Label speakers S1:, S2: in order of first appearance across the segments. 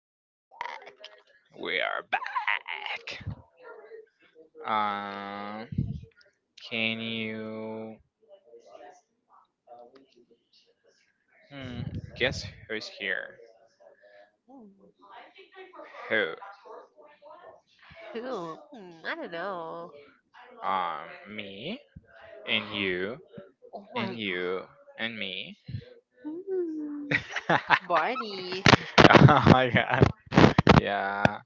S1: we are back.
S2: We are back. Um, can you hmm, guess who's here? Who?
S1: Who? I don't know.
S2: Um, me and you
S1: Oh
S2: and
S1: my
S2: you and me.
S1: god.
S2: Oh
S1: Barney.
S2: my god. Yeah,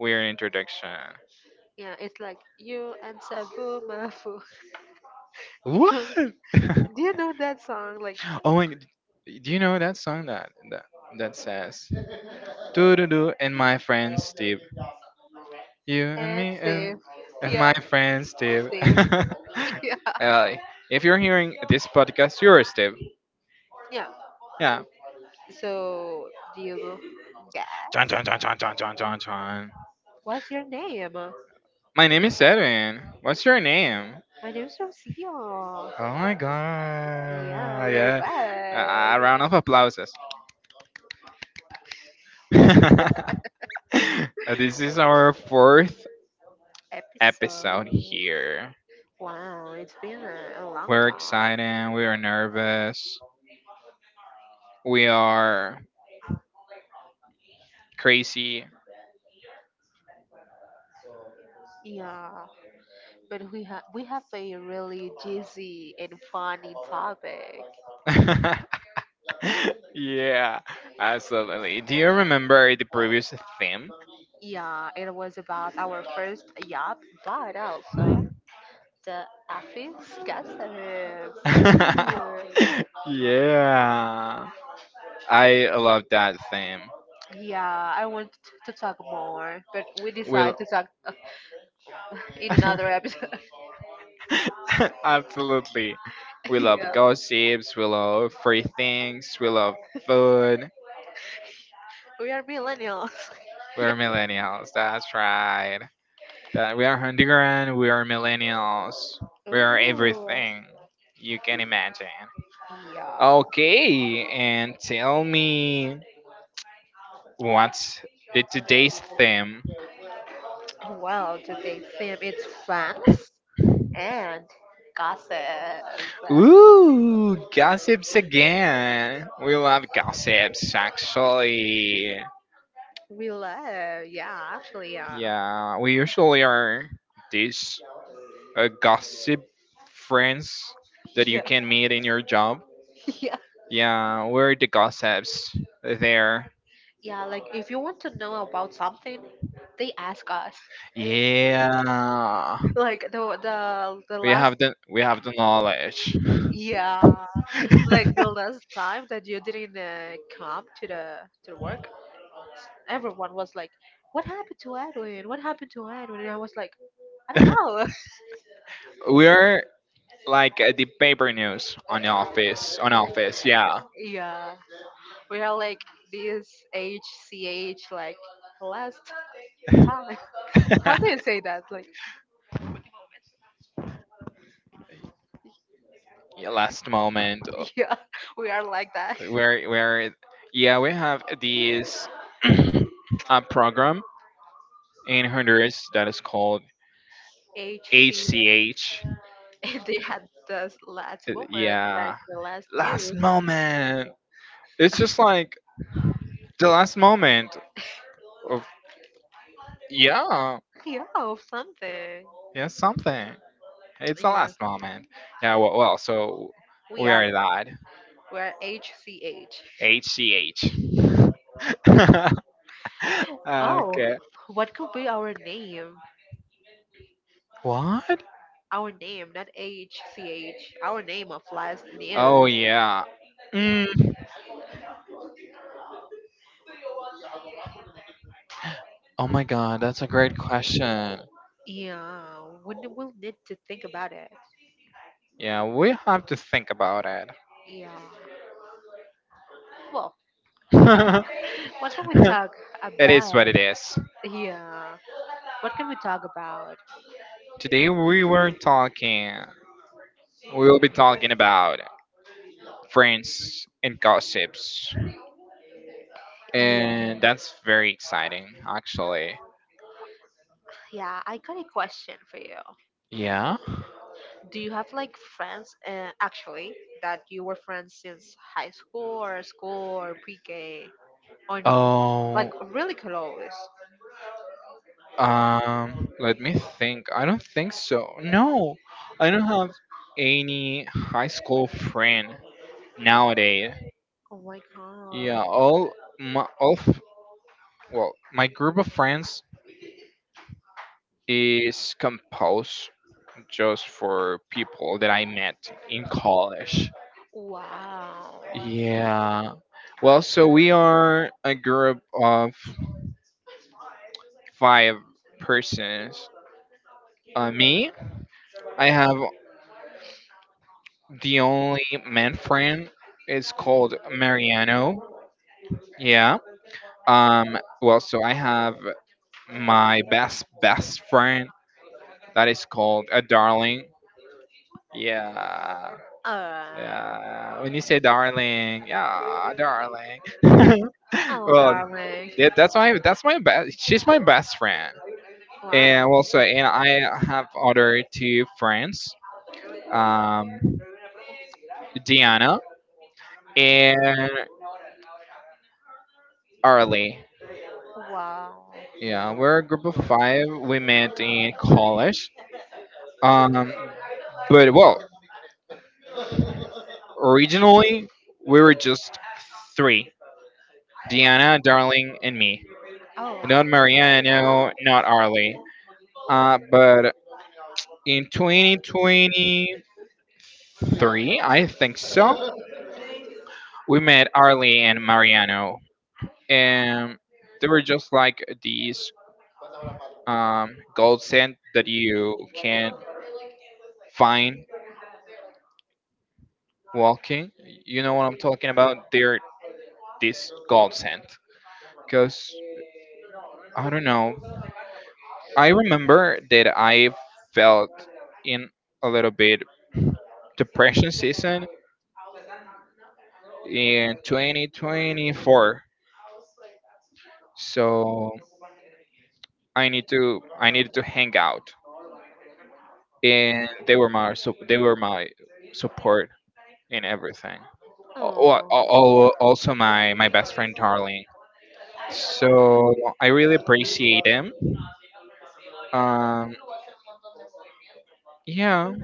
S2: weird introduction.
S1: Yeah, it's like you and Sabu Mafu. You
S2: What?
S1: do you know that song? Like
S2: Oh my. G- Do you know that song that says? Doo doo doo and my friend Steve. You and
S1: and
S2: me
S1: Steve.
S2: and my
S1: Yeah,
S2: friend Steve.
S1: Steve. Yeah.
S2: Well, if you're hearing this podcast, you're Steve.
S1: Yeah.
S2: Yeah.
S1: So do you guess?
S2: Chon chon chon chon chon chon chon chon.
S1: What's your name?
S2: My name is Edwin. What's your name?
S1: My name's Rocio.
S2: Oh my
S1: Yeah,
S2: god.
S1: we're
S2: Yeah. A
S1: back.
S2: a round of applauses. This is our fourth episode
S1: Episode.
S2: here.
S1: Wow, it's been a long
S2: We're
S1: time.
S2: excited. We are nervous. We are crazy.
S1: Yeah, but we have a really juicy and funny topic.
S2: Yeah, absolutely. Do you remember the previous theme?
S1: Yeah, it was about our first job, but also the office gossip. Ooh.
S2: Yeah, I love that theme.
S1: Yeah, I want to talk more, but we decide
S2: Will
S1: to talk in another episode.
S2: absolutely. We love
S1: Yeah,
S2: gossips. We love free things. We love food.
S1: we are millennials. Yeah.
S2: We're millennials. That's right. That we are Honduran. We are millennials. We are
S1: Ooh.
S2: everything you can imagine.
S1: Yeah.
S2: Okay, and tell me what's the today's theme?
S1: Well, today's theme is fans and gossip.
S2: Ooh, gossips again. We love gossips, actually.
S1: We love, yeah, actually, yeah.
S2: Yeah, we usually are these gossip friends that
S1: Yeah,
S2: you can meet in your job.
S1: yeah,
S2: Yeah, we're the gossips there.
S1: yeah. Like, if you want to know about something, they ask us.
S2: Yeah.
S1: Like the
S2: We
S1: last,
S2: have the we have the knowledge.
S1: yeah, like the last time that you didn't come to the work, everyone was like, "What happened to Edwin? What happened to Edwin?" And I was like, "I don't know."
S2: We're like the paper news on the office on office, yeah.
S1: Yeah, we are like this HCH, like last time. How do you say that? Like,
S2: y- last moment
S1: yeah, we are like that.
S2: where yeah we have this program in Honduras that is called
S1: HC.
S2: HCH.
S1: And they had this last
S2: Th-
S1: moment, like
S2: Yeah,
S1: the last
S2: last
S1: news.
S2: moment. It's just like the last moment of yeah,
S1: Yeah, of something.
S2: yeah something. It's the
S1: Yeah,
S2: last moment. Yeah, well, well so
S1: we
S2: we
S1: are
S2: are that.
S1: we are HCH.
S2: HCH.
S1: Oh,
S2: Okay.
S1: what could be our name?
S2: What?
S1: Our name, not HCH. Our name of last
S2: Oh
S1: news.
S2: yeah. Mm. Oh my god, that's a great question.
S1: Yeah, we will need to think about it.
S2: Yeah, we have to think about it.
S1: Yeah. Well. What can we
S2: It
S1: talk
S2: is what
S1: about?
S2: it is.
S1: Yeah. What can we talk about?
S2: Today we were talking, we will be talking about friends and gossips.
S1: Yeah.
S2: And that's very exciting, actually.
S1: Yeah, I got a question for you.
S2: Yeah.
S1: Do you have like friends, actually, that you were friends since high school or school or pre-K or no? Like
S2: Oh.
S1: really close.
S2: Let me think. I don't think so. No, I don't have any high school friend nowadays.
S1: Oh my god.
S2: Yeah, all my all f- well, my group of friends is composed just for people that I met in college.
S1: Wow.
S2: Yeah. Well, so we are a group of 5 persons. Me, I have the only man friend. It's called Mariano. Yeah. Well, so I have my best friend that is called a darling. Yeah.
S1: Uh,
S2: Yeah. When you say darling, yeah, darling.
S1: oh,
S2: Well,
S1: darling.
S2: yeah, that's my best. She's my best friend. And
S1: Wow.
S2: also, and I have other two friends. Um, Diana and Arlie.
S1: Wow.
S2: Yeah, we're a group of 5. We met in college. Um, but well, originally we were just three: Deanna, Darling, and me.
S1: Oh.
S2: Not Mariano, not Arlie. But in 2023, I think so. We met Arlie and Mariano, and they were just like these gold set that you can find walking, you know what I'm talking about? They're this godsend. Because, I don't know, I remember that I felt in a little bit depression season in 2024. So I needed to hang out, and they were my so they were my support in everything. Al- al-
S1: Oh,
S2: al- Also my best friend Darling. So I really appreciate him. Um, yeah,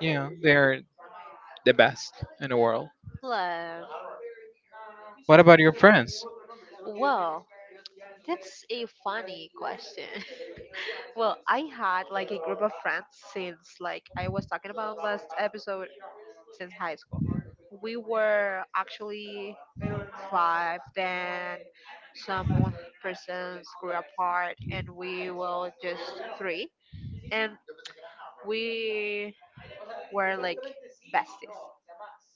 S2: yeah, they're the best in the world.
S1: love.
S2: What about your friends?
S1: Well, that's a funny question. Well, I had like a group of friends since, like I was talking about last episode, since high school. We were actually five, then some persons grew apart, and we were just three. And we were like besties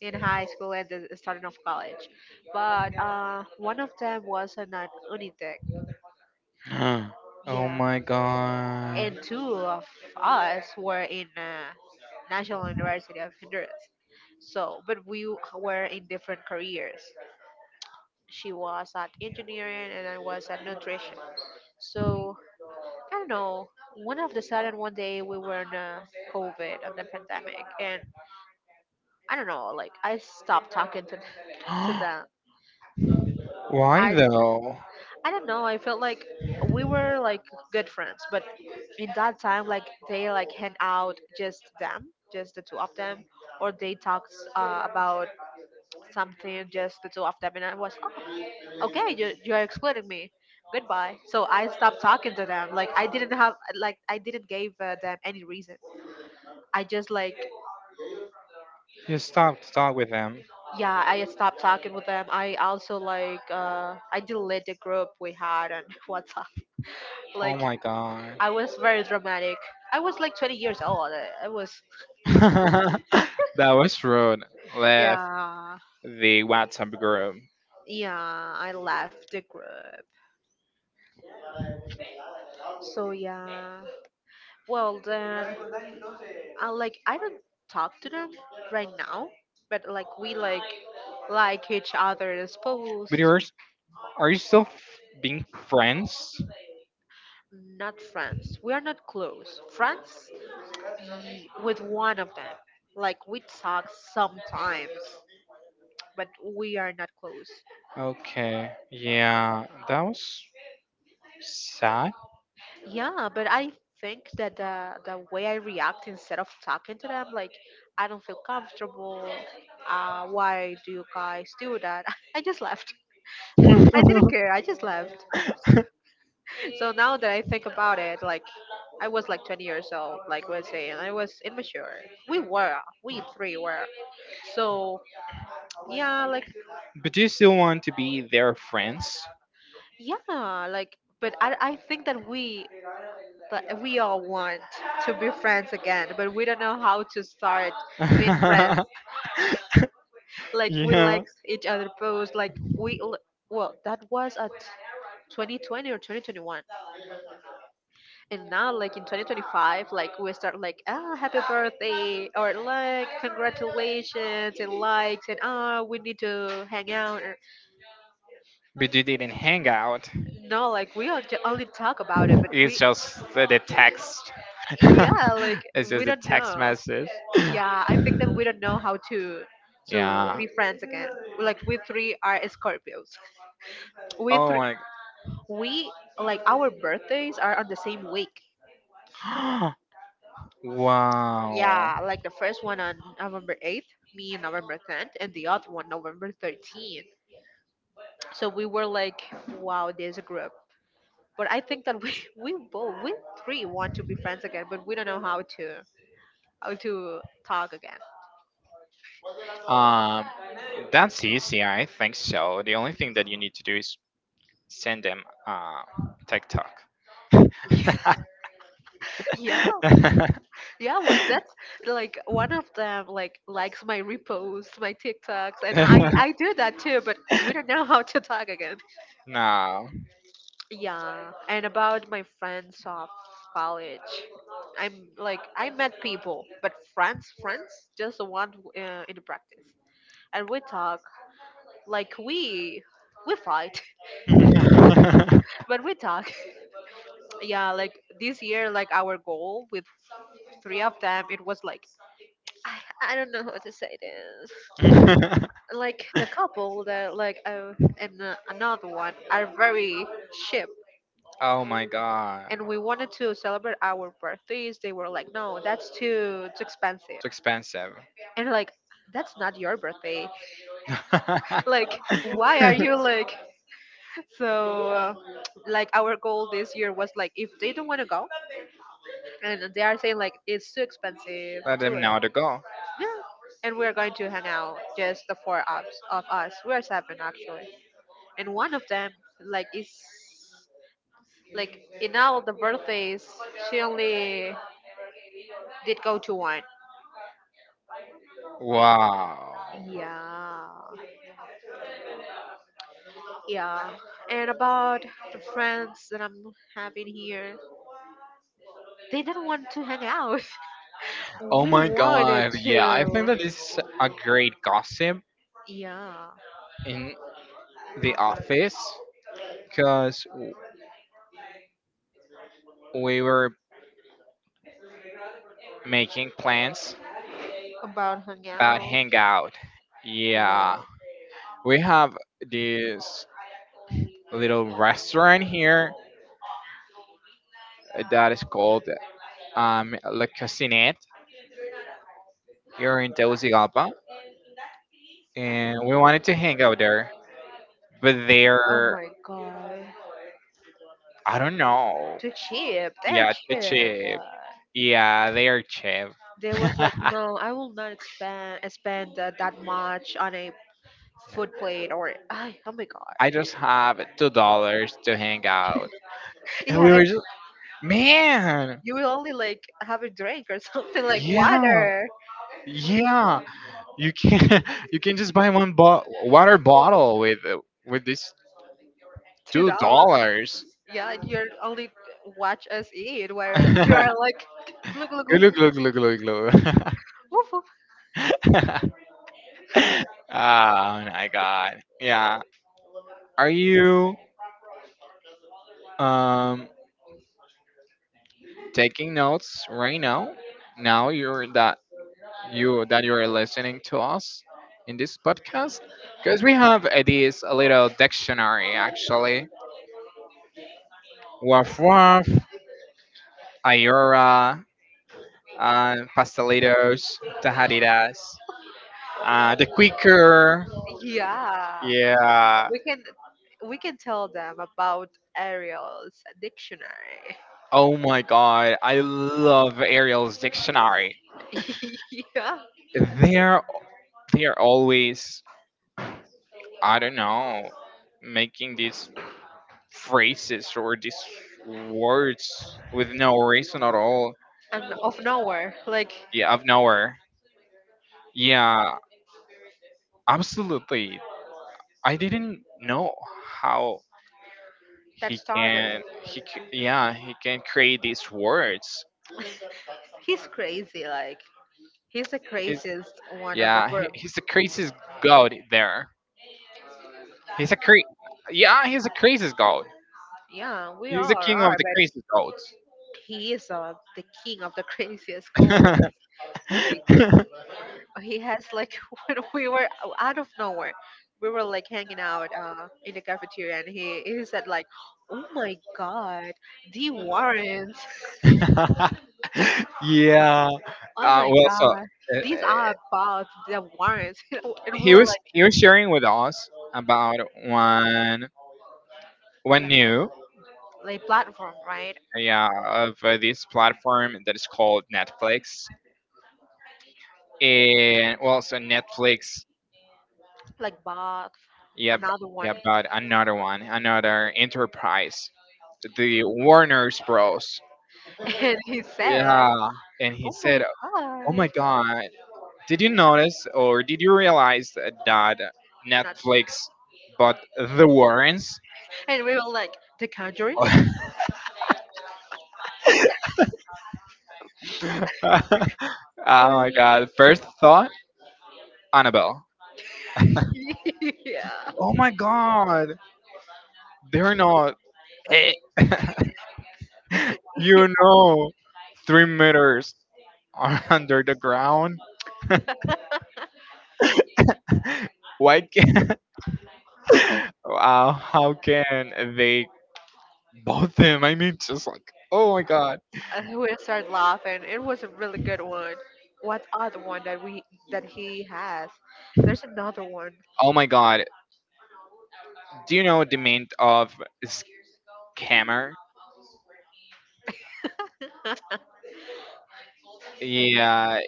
S1: in high school and the starting of college. But one of them was an Unitec.
S2: Huh. Oh
S1: Yeah.
S2: my god.
S1: And two of us were in National University of Honduras. So, but we were in different careers. She was at engineering and I was at nutrition. So, I don't know. One of the sudden one day we were in COVID of the pandemic and I don't know, like I stopped talking to to them.
S2: Why
S1: I
S2: though?
S1: I don't know. I felt like we were like good friends, but in that time, like they like hang out just them, just the two of them, or they talked about something just the two of them, and I was oh, okay. You're excluding me. Goodbye. So I stopped talking to them. Like I didn't have like I didn't give them any reason. I just like,
S2: You stopped to talk with them.
S1: yeah. I stopped talking with them. I also like I deleted the group we had on WhatsApp.
S2: Oh
S1: Like
S2: my god.
S1: I was very dramatic. I was like 20 years old. I was,
S2: That was rude. Left
S1: yeah,
S2: the WhatsApp group.
S1: yeah, I left the group. So, yeah. Well, then, I like, I don't talk to them right now, but like, we like each other's
S2: But
S1: posts,
S2: yours, are you still f- being friends?
S1: not friends. We are not close. Friends with one of them. Like, we talk sometimes, but we are not close.
S2: Okay. Yeah, that was sad.
S1: Yeah, but I think that the way I react instead of talking to them, like I don't feel comfortable. Why do you guys do that? I just left. I didn't care. I just left. So now that I think about it, like I was like 20 years old, like we're saying, I was immature. We were, we three were. So yeah, like,
S2: But do you still want to be their friends?
S1: yeah, like. But I think that we all want to be friends again, but we don't know how to start being friends,
S2: Yeah.
S1: like we liked each other post, like we well, that was at 2020 or 2021, and now like in 2025 like we start like happy birthday or like congratulations and likes and we need to hang out or,
S2: But you didn't hang out.
S1: no, like we all only talk about it but
S2: It's
S1: we
S2: just the text.
S1: yeah, like
S2: It's
S1: we
S2: just a
S1: don't
S2: text
S1: know,
S2: message.
S1: yeah, I think that we don't know how to
S2: Yeah.
S1: be friends again, like we three are scorpios, we
S2: Oh
S1: three,
S2: my. G-
S1: we like, our birthdays are on the same week.
S2: Wow.
S1: Yeah, like the first one on November 8th, me on November 10th, and the other one November 13th. So we were like, wow, there's a group. But I think that we we both we three want to be friends again, but we don't know how to talk again.
S2: Um, that's easy. I think so. The only thing that you need to do is send them uh TikTok.
S1: Yeah, yeah, well, that's like one of them like likes my reposts, my TikToks, and I do that too, but we don't know how to talk again.
S2: no.
S1: Yeah, and about my friends of college, I'm like I met people, but friends, friends, just the one in the practice, and we talk, like we fight, but we talk. Yeah, like this year, like our goal with three of them, it was like I don't know how to say this. Like the couple that like and another one are very ship,
S2: Oh my god.
S1: and we wanted to celebrate our birthdays, they were like no, that's too too expensive,
S2: It's expensive.
S1: and like that's not your birthday, like why are you, like so like our goal this year was like, if they don't want to go, and they are saying like it's too expensive
S2: Let
S1: to
S2: them
S1: us,
S2: know to go.
S1: yeah, and we're going to hang out just the four of us, we're seven actually, and one of them like is like in all the birthdays, she only did go to one.
S2: Wow.
S1: Yeah, yeah. And about the friends that I'm having here, they didn't want to hang out.
S2: Oh
S1: We
S2: my
S1: wanted
S2: god. Yeah, I think
S1: to.
S2: that is a great gossip
S1: Yeah,
S2: in the office because we were making plans
S1: about hang
S2: about
S1: out.
S2: hangout. Yeah,
S1: Yeah.
S2: we have this little restaurant here that is called La Cocinette here in Tegucigalpa, and we wanted to hang out there, but
S1: Oh
S2: they're
S1: my god.
S2: I don't know.
S1: Too cheap. They're
S2: Yeah, too
S1: cheap.
S2: cheap.
S1: But
S2: Yeah, they are cheap.
S1: they was like,
S2: yeah.
S1: no, I will not expand spend that much on a food plate or. Ay, oh my god.
S2: I just have $2 to hang out. And we
S1: Yeah,
S2: were just man,
S1: you will only like have a drink or something like
S2: yeah,
S1: water,
S2: yeah. You can you can just buy one bo- water bottle with this
S1: two
S2: two
S1: dollar.
S2: dollars.
S1: Yeah, and you're only watch us eat where you are like look look look,
S2: Look, look, look, look, look.
S1: woof, woof.
S2: Oh my god. Yeah. Are you um taking notes right now? Now you're that you are listening to us in this podcast because we have this little dictionary actually. Waf waf, ayora, pastelitos, tajaditas, the quicker.
S1: Yeah.
S2: Yeah.
S1: We can we can tell them about Ariel's dictionary.
S2: Oh my god, I love Ariel's dictionary.
S1: Yeah.
S2: They're they are always I don't know making these phrases or these words with no reason at all.
S1: And of nowhere. Like
S2: Yeah, out of nowhere. Yeah, absolutely. I didn't know how
S1: that
S2: he
S1: starter.
S2: can he c- yeah he can create these words.
S1: He's crazy, like he's the
S2: He's
S1: craziest one of the
S2: yeah he,
S1: group.
S2: he's the craziest god there. He's a cra- yeah he's a craziest god.
S1: Yeah, we
S2: He's the
S1: all are,
S2: king of the
S1: but he is the king of the craziest goal.
S2: craziest
S1: Like
S2: gods.
S1: he has like when we were out of nowhere we were like hanging out in the cafeteria, and he said like, oh my god, the warrants
S2: Yeah.
S1: oh my
S2: Well, so
S1: god, these are about the warrants you know, and we were like
S2: he was sharing with us about one one new
S1: platform, right,
S2: yeah of this platform that is called Netflix and well so Netflix
S1: like bot
S2: yeah b-
S1: another one
S2: yeah but another one another enterprise the Warner's Bros
S1: and he said
S2: yeah and he
S1: oh
S2: said
S1: my
S2: oh my
S1: god
S2: god. Did you notice or did you realize that
S1: not,
S2: Netflix bought the Warrens?
S1: and we were like, the conjuring
S2: Oh
S1: and
S2: my god. First thought, Annabelle.
S1: yeah
S2: Oh my god. They're not. Eh. You know, 3 meters are under the ground. Why Wow, how can they both them? I mean, just like, oh my god,
S1: we started laughing. It was a really good one. What other one that he has? There's another one.
S2: oh my god. Do you know the meaning of scammer?
S1: Yeah.
S2: Yeah,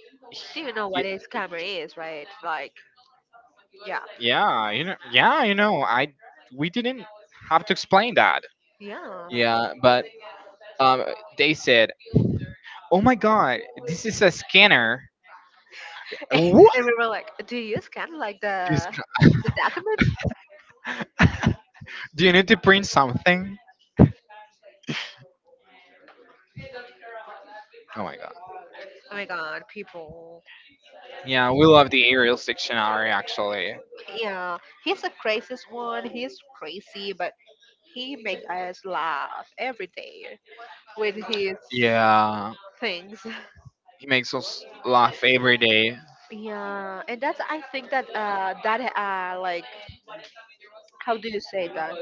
S1: Do you know what
S2: y-
S1: a scammer is, right? Like, yeah,
S2: yeah, you know, yeah, you know. I we didn't have to explain that.
S1: yeah.
S2: Yeah, but um, they said, oh my god, this is a scanner. What?
S1: And we were like, do you scan like the documents?
S2: Do you need to print something? Oh my god.
S1: Oh my god, people.
S2: Yeah, we love the Arial dictionary actually.
S1: Yeah, he's the craziest one. He's crazy, but he make us laugh every day with his
S2: Yeah,
S1: things.
S2: he makes us laugh every day.
S1: Yeah, and that's, I think that like, how do you say that?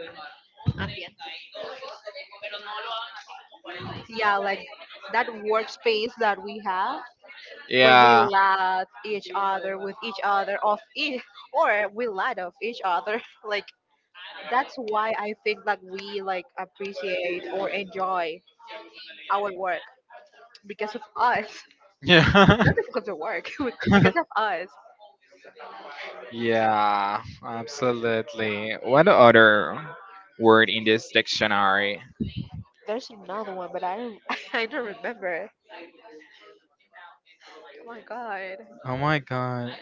S1: Ambient. Yeah, like that workspace that we have, when we
S2: Yeah.
S1: laugh each other with each other of each or we laugh of each other. Like, that's why I think that we like appreciate or enjoy our work because of us,
S2: Yeah.
S1: not because of the work, because of us.
S2: Yeah, absolutely. What other word in this dictionary?
S1: There's another one, but I don't I don't remember. Oh my god.
S2: Oh my god.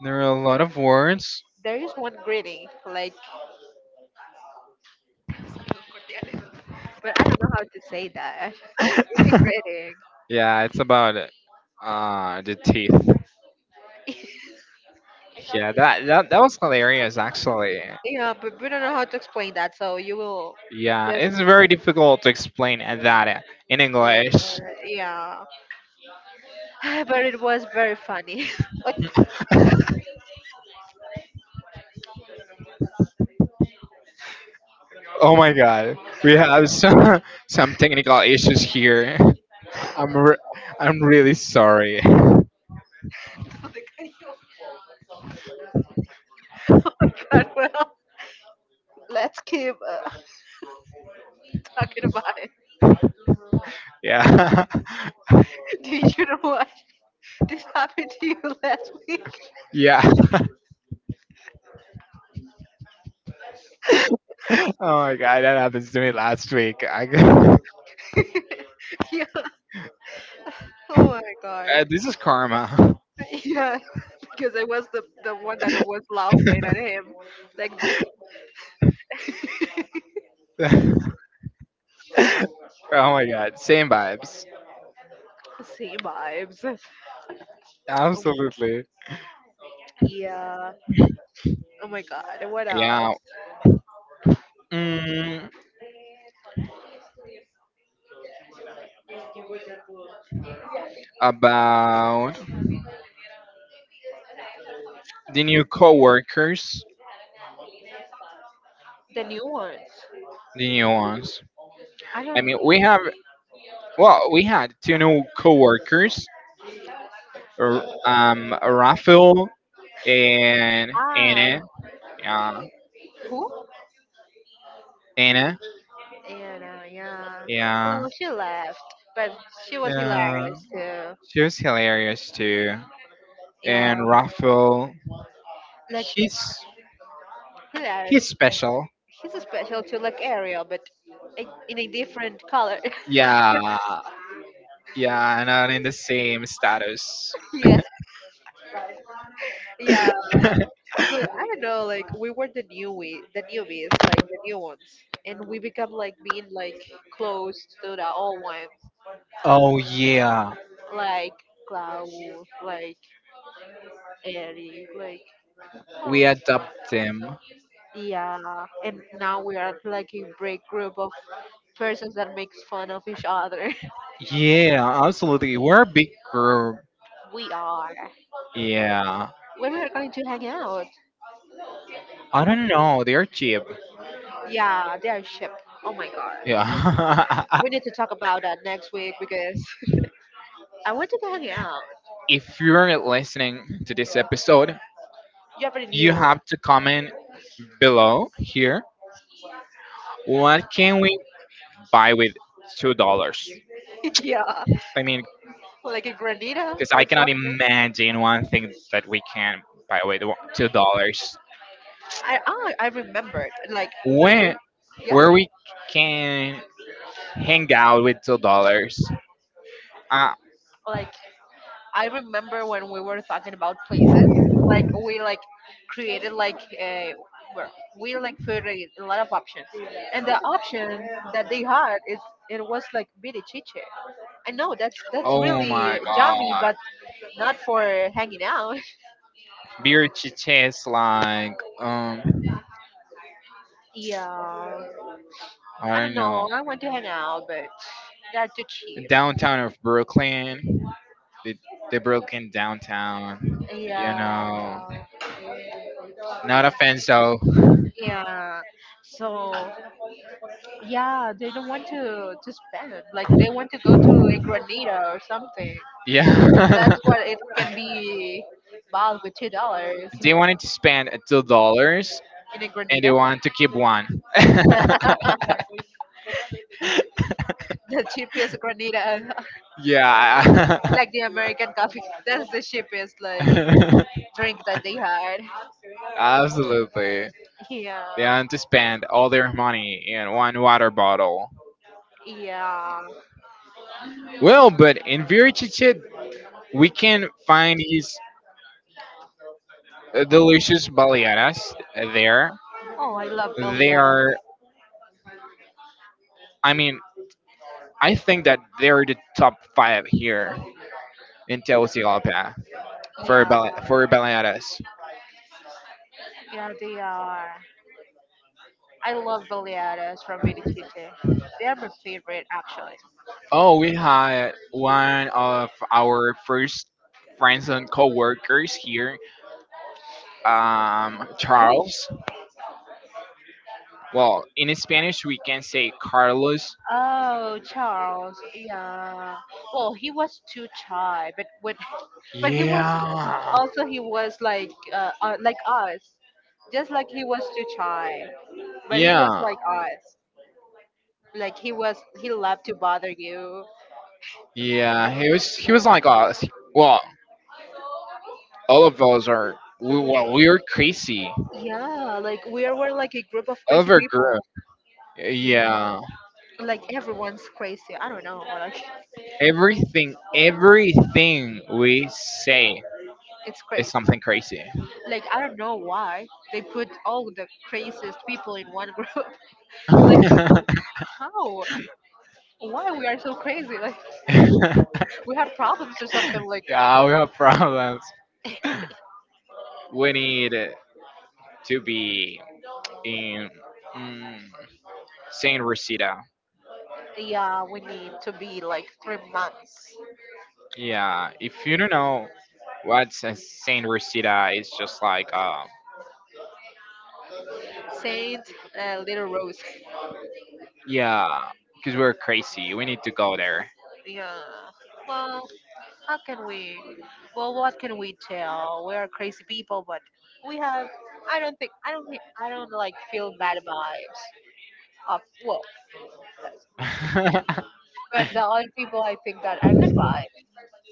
S2: There are a lot of words.
S1: There is one greeting like. But I don't know how to say that. Degrading.
S2: Yeah, it's about the teeth. Yeah, that was hilarious actually.
S1: Yeah, but we don't know how to explain that, so you will
S2: Yeah,
S1: just
S2: it's very difficult to explain that in
S1: ignore it.
S2: English.
S1: Yeah. But it was very funny.
S2: Oh my god, we have some some technical issues here. I'm re- I'm really sorry.
S1: Oh God, well, let's keep talking about it.
S2: Yeah,
S1: Did you know what? This happened to you last week.
S2: yeah. Oh my god, that happens to me last week. I, g-
S1: Yeah. Oh my God.
S2: this is karma.
S1: Yeah, because I was the one that was laughing at him, like
S2: Oh my god, same vibes.
S1: same vibes. Oh my God.
S2: Absolutely.
S1: Yeah. Oh my God. What
S2: Yeah.
S1: else?
S2: Mm, about the new coworkers,
S1: The new ones.
S2: the new ones.
S1: I
S2: I
S1: don't know.
S2: mean, we have well, we had two new coworkers, r- Rafael and
S1: Ah,
S2: Anna. Yeah,
S1: who?
S2: Anna.
S1: Yeah, yeah.
S2: Yeah,
S1: Well, she left, but she was
S2: yeah.
S1: hilarious too.
S2: She was hilarious too.
S1: Yeah,
S2: And Rafael,
S1: like
S2: he's he's
S1: hilarious.
S2: special.
S1: He's special too, like Ariel, but in a different color.
S2: Yeah, yeah. Not in the same status.
S1: Yeah, yeah. So I don't know. Like we were the newbie, the newbies, like the new ones, and we become like being like close to the old ones,
S2: Oh yeah,
S1: like Clau, like Eric, like. Oh,
S2: we adopt them.
S1: yeah, and now we are like a break group of persons that makes fun of each other.
S2: Yeah, absolutely. We're a big group.
S1: We are.
S2: Yeah,
S1: When we are going to hang out?
S2: I don't know. They are cheap.
S1: Yeah, they are ship. Oh my god.
S2: Yeah.
S1: We need to talk about that next week because I want to go hang out.
S2: If you're listening to this episode,
S1: You already
S2: you
S1: knew.
S2: have to comment below here. What can we buy with $2.
S1: Yeah,
S2: I mean,
S1: like a granita
S2: because
S1: or
S2: I cannot
S1: something.
S2: imagine one thing that we can buy with one- $2.
S1: I remembered like when we
S2: When
S1: yeah
S2: where we can hang out with $2? Uh,
S1: like. I remember when we were talking about places, like we like created like a well, we like put a lot of options, and the option that they had is it was like birichiche. I know that's
S2: Oh my
S1: really yummy,
S2: god.
S1: but not for hanging out.
S2: Beer to taste like
S1: Yeah,
S2: I
S1: I don't
S2: don't know.
S1: know. I want to hang out, but that's too cheap.
S2: Downtown of Brooklyn. The the Brooklyn downtown. You
S1: Yeah,
S2: know. Not offense though.
S1: yeah. So yeah, they don't want to spend. Like they want to go to a granita or something.
S2: Yeah.
S1: That's what it can be bought with $2
S2: They wanted to spend $2
S1: in a
S2: and they
S1: granita.
S2: wanted to keep one.
S1: The cheapest granita,
S2: Yeah.
S1: like the American coffee. That's the cheapest like drink that they had.
S2: Absolutely.
S1: Yeah,
S2: They want to spend all their money in one water bottle.
S1: yeah.
S2: Well, but in Virichiche, we can find these delicious baleadas there.
S1: Oh, I love
S2: They
S1: baleadas.
S2: are. I mean, I think that they're the top 5 here in Tegucigalpa for
S1: Yeah,
S2: bal- for baleadas.
S1: yeah, they are. I love baleadas from Vitichite. They are my favorite actually.
S2: Oh, we had one of our first friends and co-workers here,
S1: Who?
S2: Charles. Well, in Spanish we can say Carlos.
S1: Oh, Charles. Yeah. Well, he was too shy, but when but he was
S2: Yeah.
S1: also he was like us just like he was too shy but he was
S2: Yeah.
S1: like us like he was he loved to bother you.
S2: Yeah, he
S1: Yeah,
S2: was like us. Well, all of those are. We, well, we are crazy.
S1: yeah, like we were like a group of crazy
S2: Overgrown.
S1: people. Yeah,
S2: Yeah.
S1: like everyone's crazy, I don't know, like
S2: Everything, everything we say
S1: it's
S2: is
S1: crazy,
S2: something crazy.
S1: like I don't know why they put all the craziest people in one group. Like how, why we are so crazy, like we have problems or something like.
S2: Yeah, we have problems. We need to be in mm, Saint Rosita.
S1: Yeah, we need to be like 3 months.
S2: Yeah, if you don't know what's a Saint Rosita, it's just like,
S1: Saint Little Rose.
S2: yeah, because we're crazy. We need to go there.
S1: Yeah. Well, how can we? Well, what can we tell? We are crazy people, but we have. I don't think. I don't like feel bad vibes. Of well, but the other people I think that are good vibes,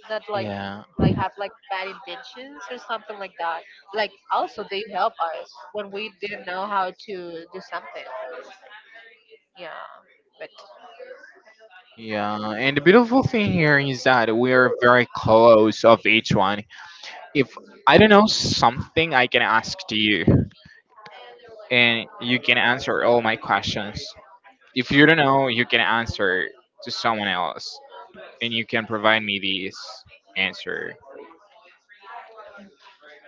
S1: not like
S2: Yeah.
S1: like have like bad intentions or something like that. Like also they help us when we didn't know how to do something. Yeah. But.
S2: Yeah, and the beautiful thing here is that we are very close of each one If I don't know something, I can ask to you, and you can answer all my questions. If you don't know, you can answer to someone else, and you can provide me this answer.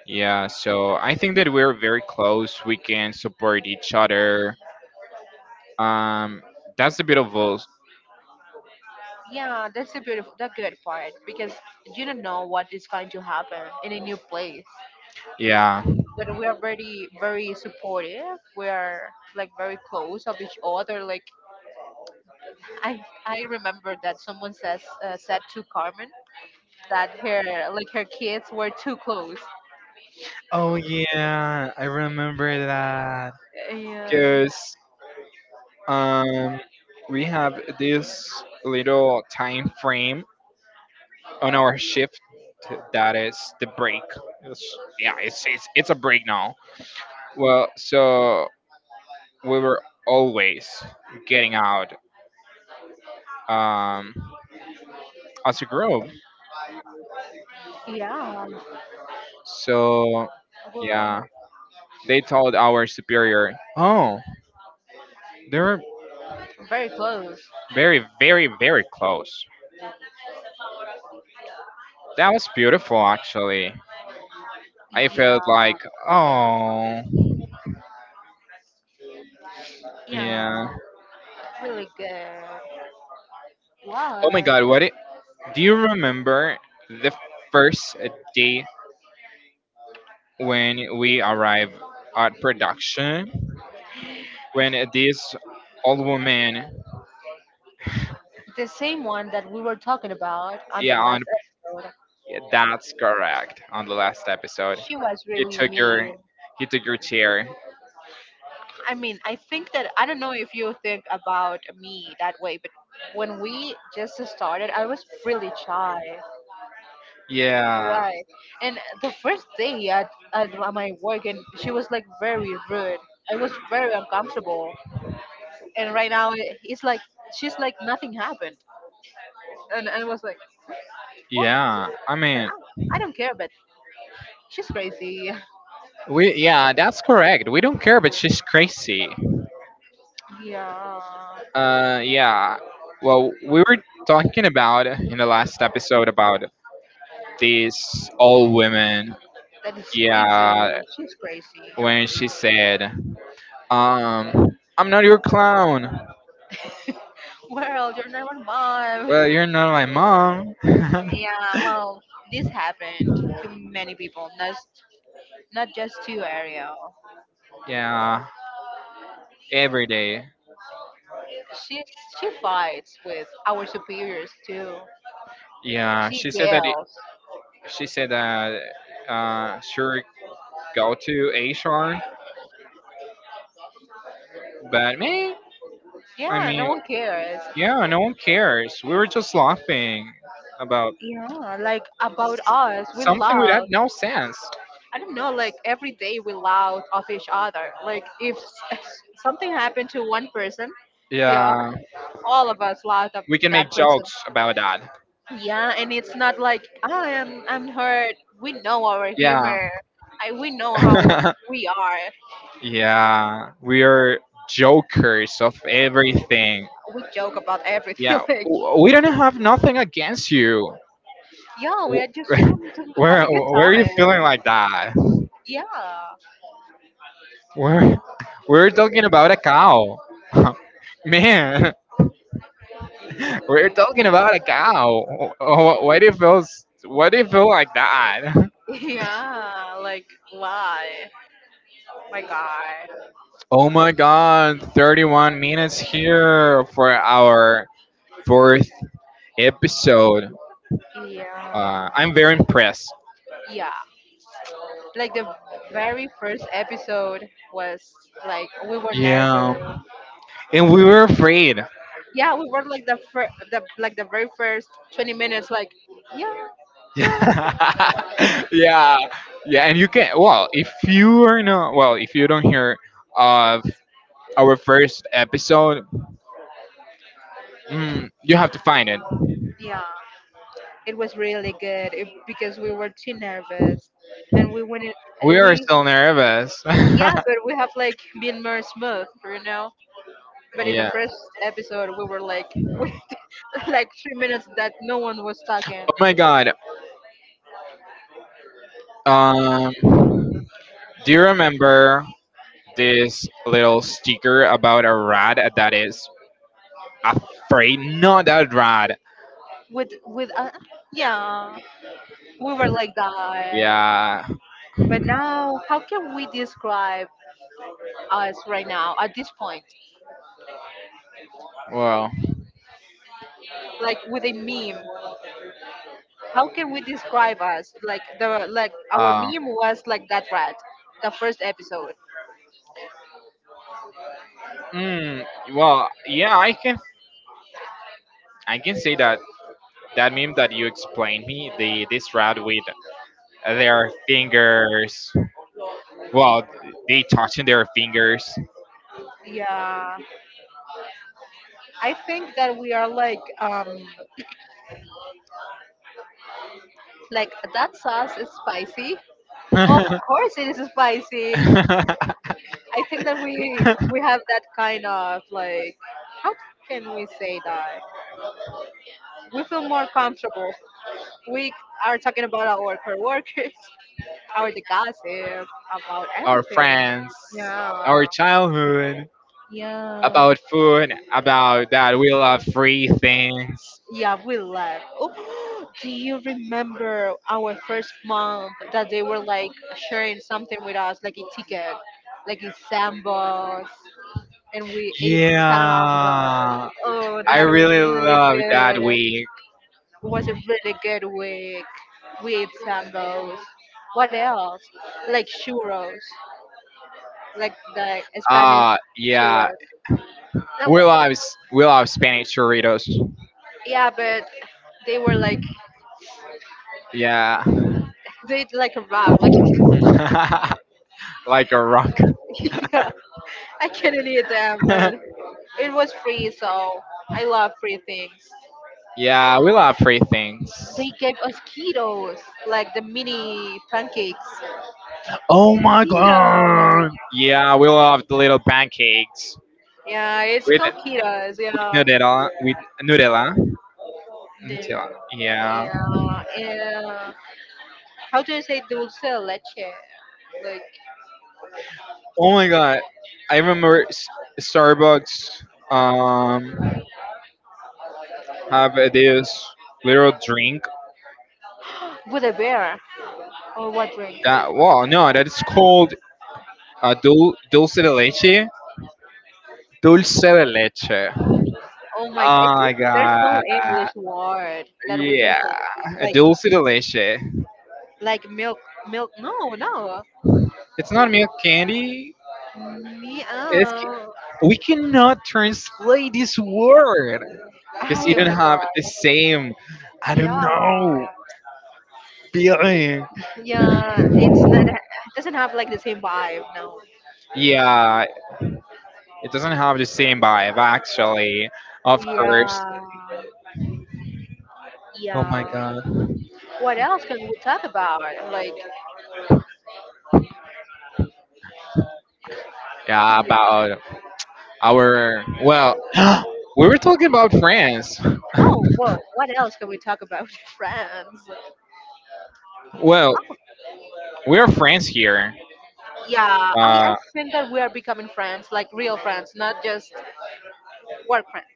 S2: Yeah, so I think that we're very close. We can support each other. Um, that's a bit
S1: Yeah, that's the beautiful, the good part because you don't know what is going to happen in a new place.
S2: Yeah.
S1: But we are very, very supportive. We are like very close of each other. Like I, I remember that someone says said to Carmen that her like her kids were too close.
S2: Oh yeah, I remember that.
S1: Yeah,
S2: Because um, we have this little time frame on our shift that is the break. It's, yeah, it's a break now. Well, so we were always getting out um, as a group.
S1: yeah,
S2: So
S1: well,
S2: yeah, they told our superior, "Oh, they're
S1: very close.
S2: very, very close." That was beautiful, actually. I
S1: Yeah,
S2: felt like, oh,
S1: yeah,
S2: yeah.
S1: really good.
S2: Oh my
S1: Wow,
S2: God, what it, do you remember the first day when we arrived at production? When this old woman,
S1: the same one that we were talking about on the
S2: yeah, on
S1: last episode.
S2: that's correct. On the last episode,
S1: She was
S2: he
S1: really
S2: took your,
S1: mean.
S2: he took your chair.
S1: I mean, I think that I don't know if you think about me that way, but when we just started, I was really shy.
S2: Yeah,
S1: Right. And the first day at my work, and she was like very rude. I was very uncomfortable. And right now, it's like she's like nothing happened. And I was like, what?
S2: yeah. I
S1: I,
S2: mean,
S1: I don't care, but she's crazy.
S2: We, that's correct. We don't care, but she's crazy.
S1: Yeah,
S2: Yeah. Well, we were talking about in the last episode about these all women.
S1: that is crazy.
S2: Yeah,
S1: She's crazy.
S2: when she said, um, I'm not your clown.
S1: Well, you're not my mom.
S2: Well, you're not my mom.
S1: Yeah, well, this happened to many people, not just to Ariel.
S2: Yeah, every day.
S1: She she fights with our superiors too.
S2: Yeah,
S1: She
S2: she said that.
S1: yells.
S2: She said that. Sure, go to HR, but me. I
S1: Yeah, no
S2: mean,
S1: one cares.
S2: yeah, no one cares. We were just laughing about
S1: Yeah, like about us, we
S2: something with that
S1: loud.
S2: no sense.
S1: I don't know, like every day we loud of each other. Like if s- something happened to one person, the
S2: Yeah,
S1: all of us loud of
S2: we can make
S1: that person.
S2: jokes about that.
S1: Yeah, and it's not like I'm hurt. We know our
S2: Yeah.
S1: humor. I we know how we are.
S2: Yeah, we are jokers of everything.
S1: We joke about everything.
S2: Yeah,
S1: Like
S2: we don't have nothing against you.
S1: yeah, we are just
S2: W-
S1: want to have
S2: Where,
S1: a good
S2: where are you
S1: time.
S2: feeling like that?
S1: Yeah,
S2: We're, we're talking about a cow. Man, we're talking about a cow. Oh, oh, what if feels? What if feel like that?
S1: yeah. Like why? My God.
S2: Oh my God! 31 minutes here for our fourth episode.
S1: Yeah,
S2: I'm very impressed.
S1: yeah. Like the very first episode was like we were nervous.
S2: Yeah, and we were afraid.
S1: Yeah, we were like the very first 20 minutes. Like yeah, yeah,
S2: Yeah, yeah, and you can. Well, if you are not, well, if you don't hear of our first episode, mm, you have to find it.
S1: yeah. It was really good if, because we were too nervous, and
S2: We are
S1: we
S2: still nervous.
S1: yeah, but we have like been more smooth, you know. But in the
S2: Yeah.
S1: first episode, we were like with like 3 minutes that no one was
S2: Oh
S1: talking.
S2: my god. Um, do you remember this little sticker about a rat that is afraid? Not that rat.
S1: With yeah, we were like that.
S2: Yeah.
S1: But now, how can we describe us right now at this point?
S2: Well.
S1: Like with a meme, how can we describe us? Like the like our
S2: Uh,
S1: meme was like that rat, the first episode.
S2: mm, well. Yeah. I can. I can say that that meme that you explained me. The This rat with their fingers. Well, they touching their fingers.
S1: Yeah, I think that we are like that sauce is spicy. Of course it is spicy. I think that we have that kind of like how can we say that? We feel more comfortable. We are talking about our coworkers, our the gossip about
S2: Our
S1: everything.
S2: friends.
S1: Yeah.
S2: Our childhood.
S1: Yeah.
S2: About food, about that we love free things.
S1: Yeah, we left. Oh, do you remember our first month that they were like sharing something with us, like a ticket, like a sambos, and we ate sambos.
S2: Yeah,
S1: Oh,
S2: I
S1: that was
S2: really
S1: really
S2: love that
S1: good.
S2: week.
S1: It was a really good week. We ate sambos. What else? Like churros, like the Spanish
S2: Yeah.
S1: churros. That
S2: We
S1: was,
S2: love we love Spanish churritos.
S1: yeah, but they were like
S2: Yeah.
S1: they ate like a rock, like
S2: Like a rock.
S1: I couldn't eat them, but it was free, so I love free things.
S2: Yeah, we love free things.
S1: They gave us ketos, like the mini pancakes.
S2: Oh my god.
S1: Ketos.
S2: Yeah, we love the little pancakes
S1: Yeah, it's
S2: with
S1: called ketos. Yeah.
S2: nutella with nutella. Nutella.
S1: Yeah.
S2: Yeah.
S1: Yeah. And how do you say dulce de leche? Like
S2: Oh my god. I remember Starbucks um have this little drink
S1: with a beer or what drink?
S2: that wow no that is called dulce de leche. Dulce de leche.
S1: Oh my! I
S2: Oh
S1: think
S2: my
S1: there's no
S2: god.
S1: English word that we can
S2: Yeah.
S1: say.
S2: A dulce de leche.
S1: Like milk, milk. No, no.
S2: It's not milk candy. It's
S1: Meow.
S2: ca- we cannot translate this word because you
S1: Oh
S2: don't
S1: my
S2: have
S1: god.
S2: the same I don't
S1: Yeah.
S2: know feeling.
S1: Yeah. It's not, it doesn't have like the same vibe, no.
S2: Yeah, it doesn't have the same vibe, actually. Of course.
S1: Yeah.
S2: Oh my
S1: Yeah.
S2: god.
S1: What else can we talk about? Like,
S2: Yeah,
S1: yeah.
S2: about our. Well, we were talking about France.
S1: Oh, whoa. What else can we talk about? Friends.
S2: Well, we're friends here.
S1: Yeah. I
S2: Uh,
S1: think that we are becoming friends, like real friends, not just work friends.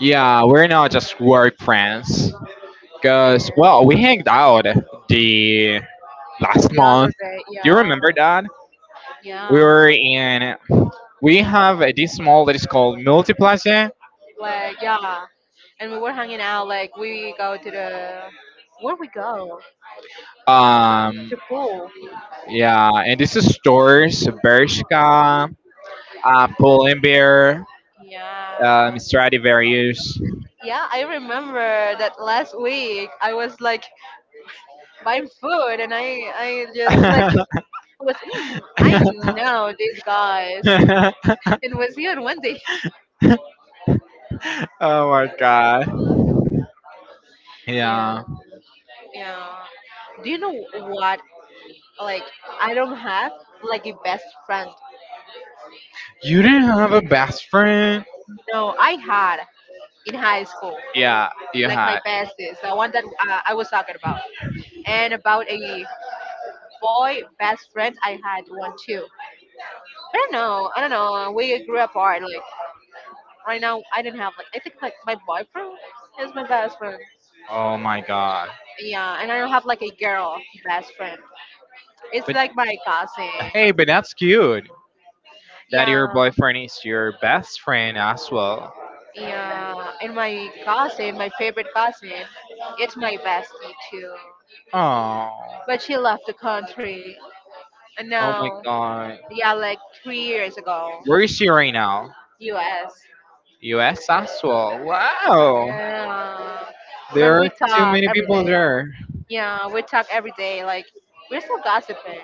S2: yeah, we're not just work friends.
S1: And
S2: Because, well, we hanged out the last
S1: the other
S2: month.
S1: day,
S2: Do you
S1: yeah.
S2: remember that? We were
S1: Yeah.
S2: in. We have this mall that is called Multiplaza.
S1: Like, yeah. And we were hanging out, like, we go to the. Where we go?
S2: Um,
S1: To pool.
S2: yeah, and this is stores, Bershka, Paul Imbier,
S1: Yeah.
S2: Stradivarius.
S1: Yeah, I remember that last week I was like buying food and I just like
S2: Oh
S1: was mm, I know these guys. It was here on Wednesday.
S2: my god.
S1: Yeah.
S2: Yeah.
S1: Yeah. Do you know what? Like I don't have like a best friend.
S2: You didn't have a best friend?
S1: No, I had in high school.
S2: Yeah, you
S1: Like my
S2: had.
S1: bestest, the one that I was talking about, and about a boy best friend I had one too. I don't know. I don't know. We grew apart. Like right now, I don't have like I think like my boyfriend is my best friend.
S2: Oh my god.
S1: Yeah, and I don't have like a girl best friend. It's
S2: But
S1: like my cousin.
S2: hey, but that's cute that your
S1: Yeah,
S2: boyfriend is your best friend as well.
S1: yeah. And my cousin, my favorite cousin, it's my bestie too.
S2: Oh,
S1: But she left the country. And
S2: oh my
S1: now,
S2: God.
S1: yeah, like 3 years ago,
S2: Where is she right now?
S1: U.S.
S2: U.S. as well. Wow.
S1: Yeah.
S2: There
S1: But
S2: are
S1: we
S2: too
S1: talk
S2: many
S1: every
S2: people
S1: day.
S2: there.
S1: Yeah, we talk every day. Like we're still gossiping,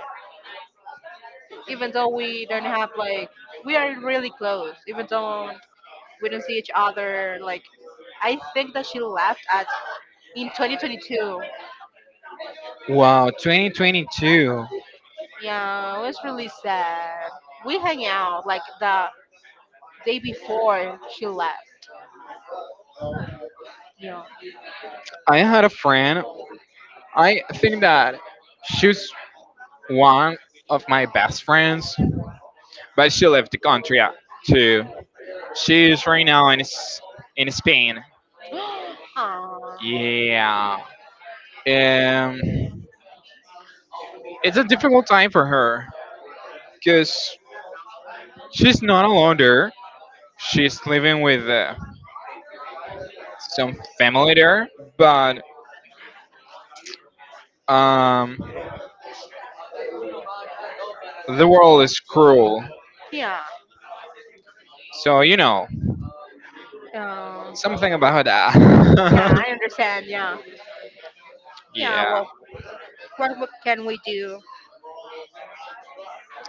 S1: even though we don't have like we are really close. Even though we don't see each other, like I think that she left at in 2022.
S2: Wow, 2022.
S1: Yeah, it was really sad. We hang out like the day before she left. Yeah.
S2: I had a friend. I think that she's one of my best friends, but she left the country too. She's right now in in Spain.
S1: Aw.
S2: Yeah. Um, it's a difficult time for her because she's not alone there. She's living with some family there, but um, the world is cruel.
S1: Yeah.
S2: So you know
S1: Um,
S2: something about
S1: yeah,
S2: that.
S1: I understand. Yeah. Yeah.
S2: Yeah,
S1: Well, what can we do?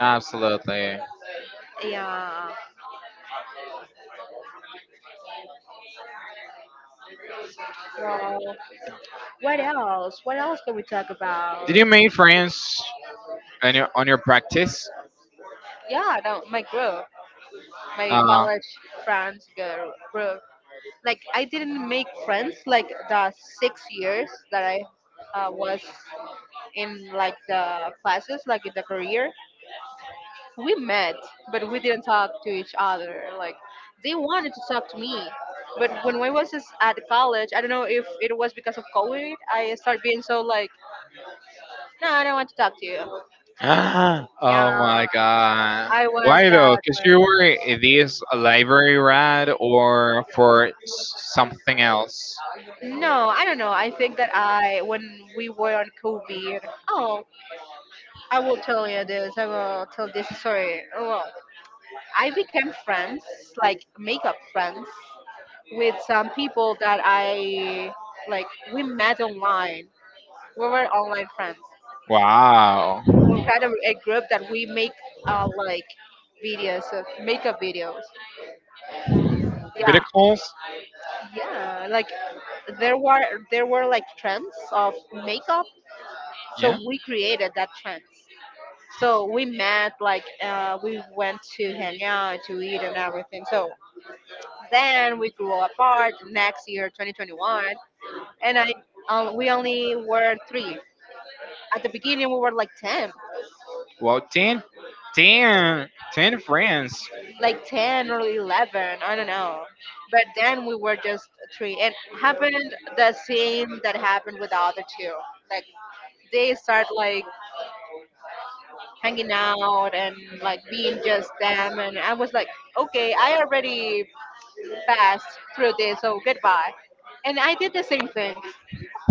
S2: absolutely.
S1: Yeah. Well. What else? What else can we talk
S2: Did
S1: about?
S2: you make friends on your practice?
S1: Yeah, no, my group, my
S2: Uh,
S1: college friends group. Like I didn't make friends like the 6 years that I was in like the classes, like in the career. We met, but we didn't talk to each other. Like they wanted to talk to me, but when I was just at college, I don't know if it was because of COVID. I started being so like, no, I don't want to talk to you.
S2: oh
S1: Yeah,
S2: my god.
S1: I was
S2: Why though?
S1: that.
S2: Because you were this library rat or for something else?
S1: No, I don't know. I think that I, when we were on COVID, oh, I will tell you this. I will tell this story. Well, I became friends, like makeup friends, with some people that I like. We met online. We were online friends.
S2: Wow.
S1: We had a group that we make like videos of makeup videos. Yeah,
S2: Better Call S-
S1: yeah. Like there were there were like trends of makeup, so
S2: yeah.
S1: we created that trends. So we met, like we went to hang out, to eat, and everything. So then we grew apart. Next year, 2021, and I, we only were three. At the beginning, we were like ten,
S2: Well, ten, ten friends.
S1: like 10 or 11. I don't know. But then we were just three, and happened the same that happened with the other two. Like they start like hanging out and like being just them, and I was like, okay, I already fast through this, so goodbye. And I did the same thing.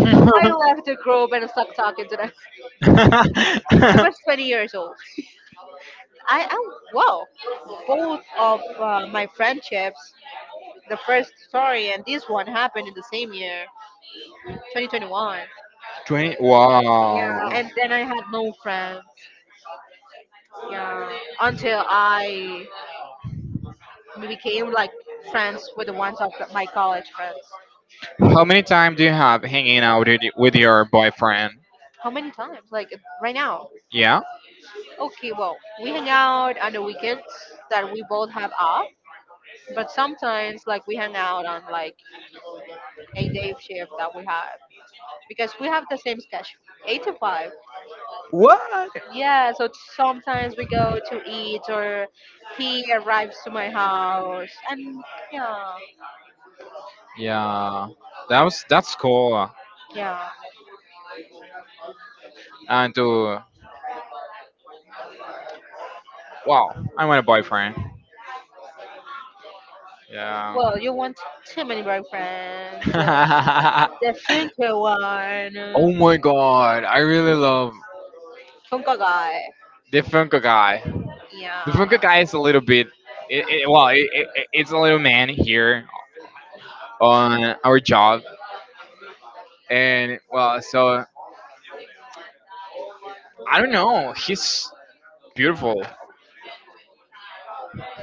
S1: I left the group and stopped talking to them. I was 20 years old. I am, wow, both of my friendships, the first story and this one happened in the same year, 2021.
S2: 20
S1: Yeah,
S2: wow,
S1: and then I had no friends. Yeah, until I became like friends with the ones of the, my college friends.
S2: how many times do you have hanging out with with your boyfriend
S1: How many times? Like right now.
S2: yeah
S1: Okay, well, we hang out on the weekends that we both have off, but sometimes like we hang out on like a day shift that we have because we have the same schedule, 8 to 5.
S2: what?
S1: Yeah, so sometimes we go to eat or he arrives to my house and yeah,
S2: Yeah, that was that's cool.
S1: yeah.
S2: And wow, I want a boyfriend. Yeah.
S1: Well, you want too many boyfriends. The Funko one,
S2: Oh my god, I really love
S1: Funko guy.
S2: the Funko guy. The
S1: Yeah,
S2: Funko guy is a little bit, well, it's a little man here on our job, and well, so I don't know. He's beautiful.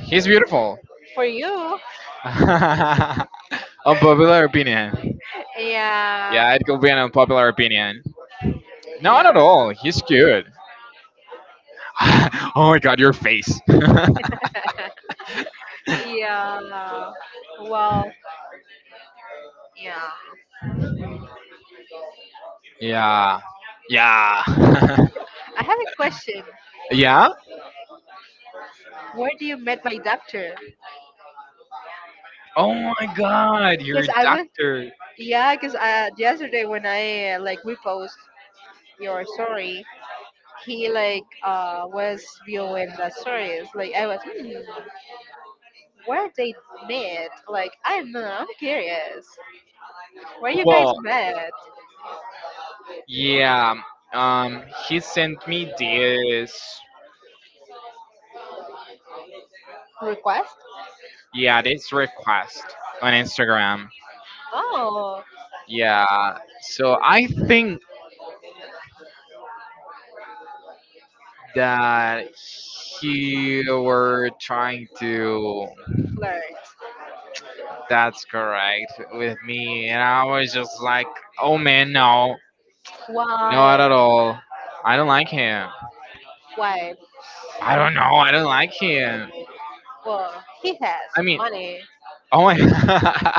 S2: He's beautiful.
S1: for you.
S2: Unpopular opinion.
S1: Yeah,
S2: Yeah, it could be an unpopular opinion. No, not
S1: yeah.
S2: at all. He's cute. Oh my god, your face.
S1: Yeah. Wow. Yeah.
S2: Yeah. Yeah.
S1: I have a question.
S2: Yeah?
S1: Where do you met my doctor?
S2: Oh my god, you're a
S1: Because I was,
S2: doctor.
S1: yeah, because yesterday when I like repost your story, he like was viewing the stories. Like I was, where they met? Like I don't know. I'm curious. Where you guys
S2: Well,
S1: met?
S2: yeah. He sent me
S1: Request?
S2: yeah, this request on Instagram.
S1: Oh,
S2: Yeah. So I think that he were trying to
S1: flirt.
S2: that's correct with me, and I was just like, oh man, no, no, not
S1: Why?
S2: at all. I don't like him.
S1: Why?
S2: I don't know, I don't like him.
S1: Well, he has
S2: I mean,
S1: money.
S2: oh my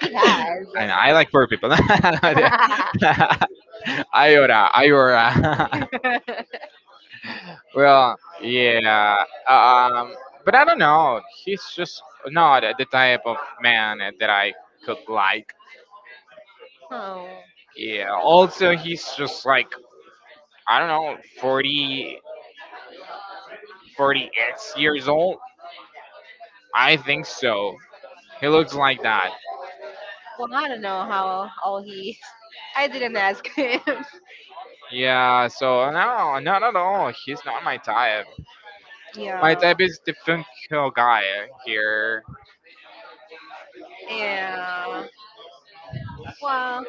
S1: He has.
S2: I know, I like poor people. Iota, iota. Well, yeah, um but I don't know, he's just not the type of man that I could like.
S1: oh,
S2: Yeah. Also, he's just like I don't know, 40, x years old. I think so. He looks like that.
S1: well, I don't know how old he is. I didn't ask him.
S2: Yeah. So no, no, he's not my type. My
S1: yeah,
S2: type is the funky guy here.
S1: yeah. Well,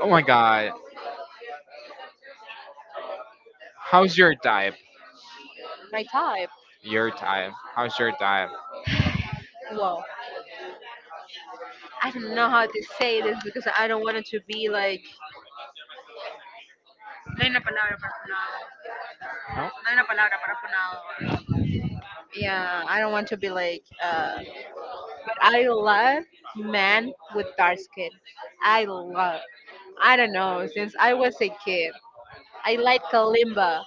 S2: Oh my god. How's your type?
S1: my type.
S2: Your type. How's your type?
S1: Well, I don't know how to say this because I don't want it to be like. No hay una palabra para no-
S2: No.
S1: no hay una- Yeah, I don't want to be like. But I love men with dark skin. I love. I don't know. Since I was a kid, I like Kalimba.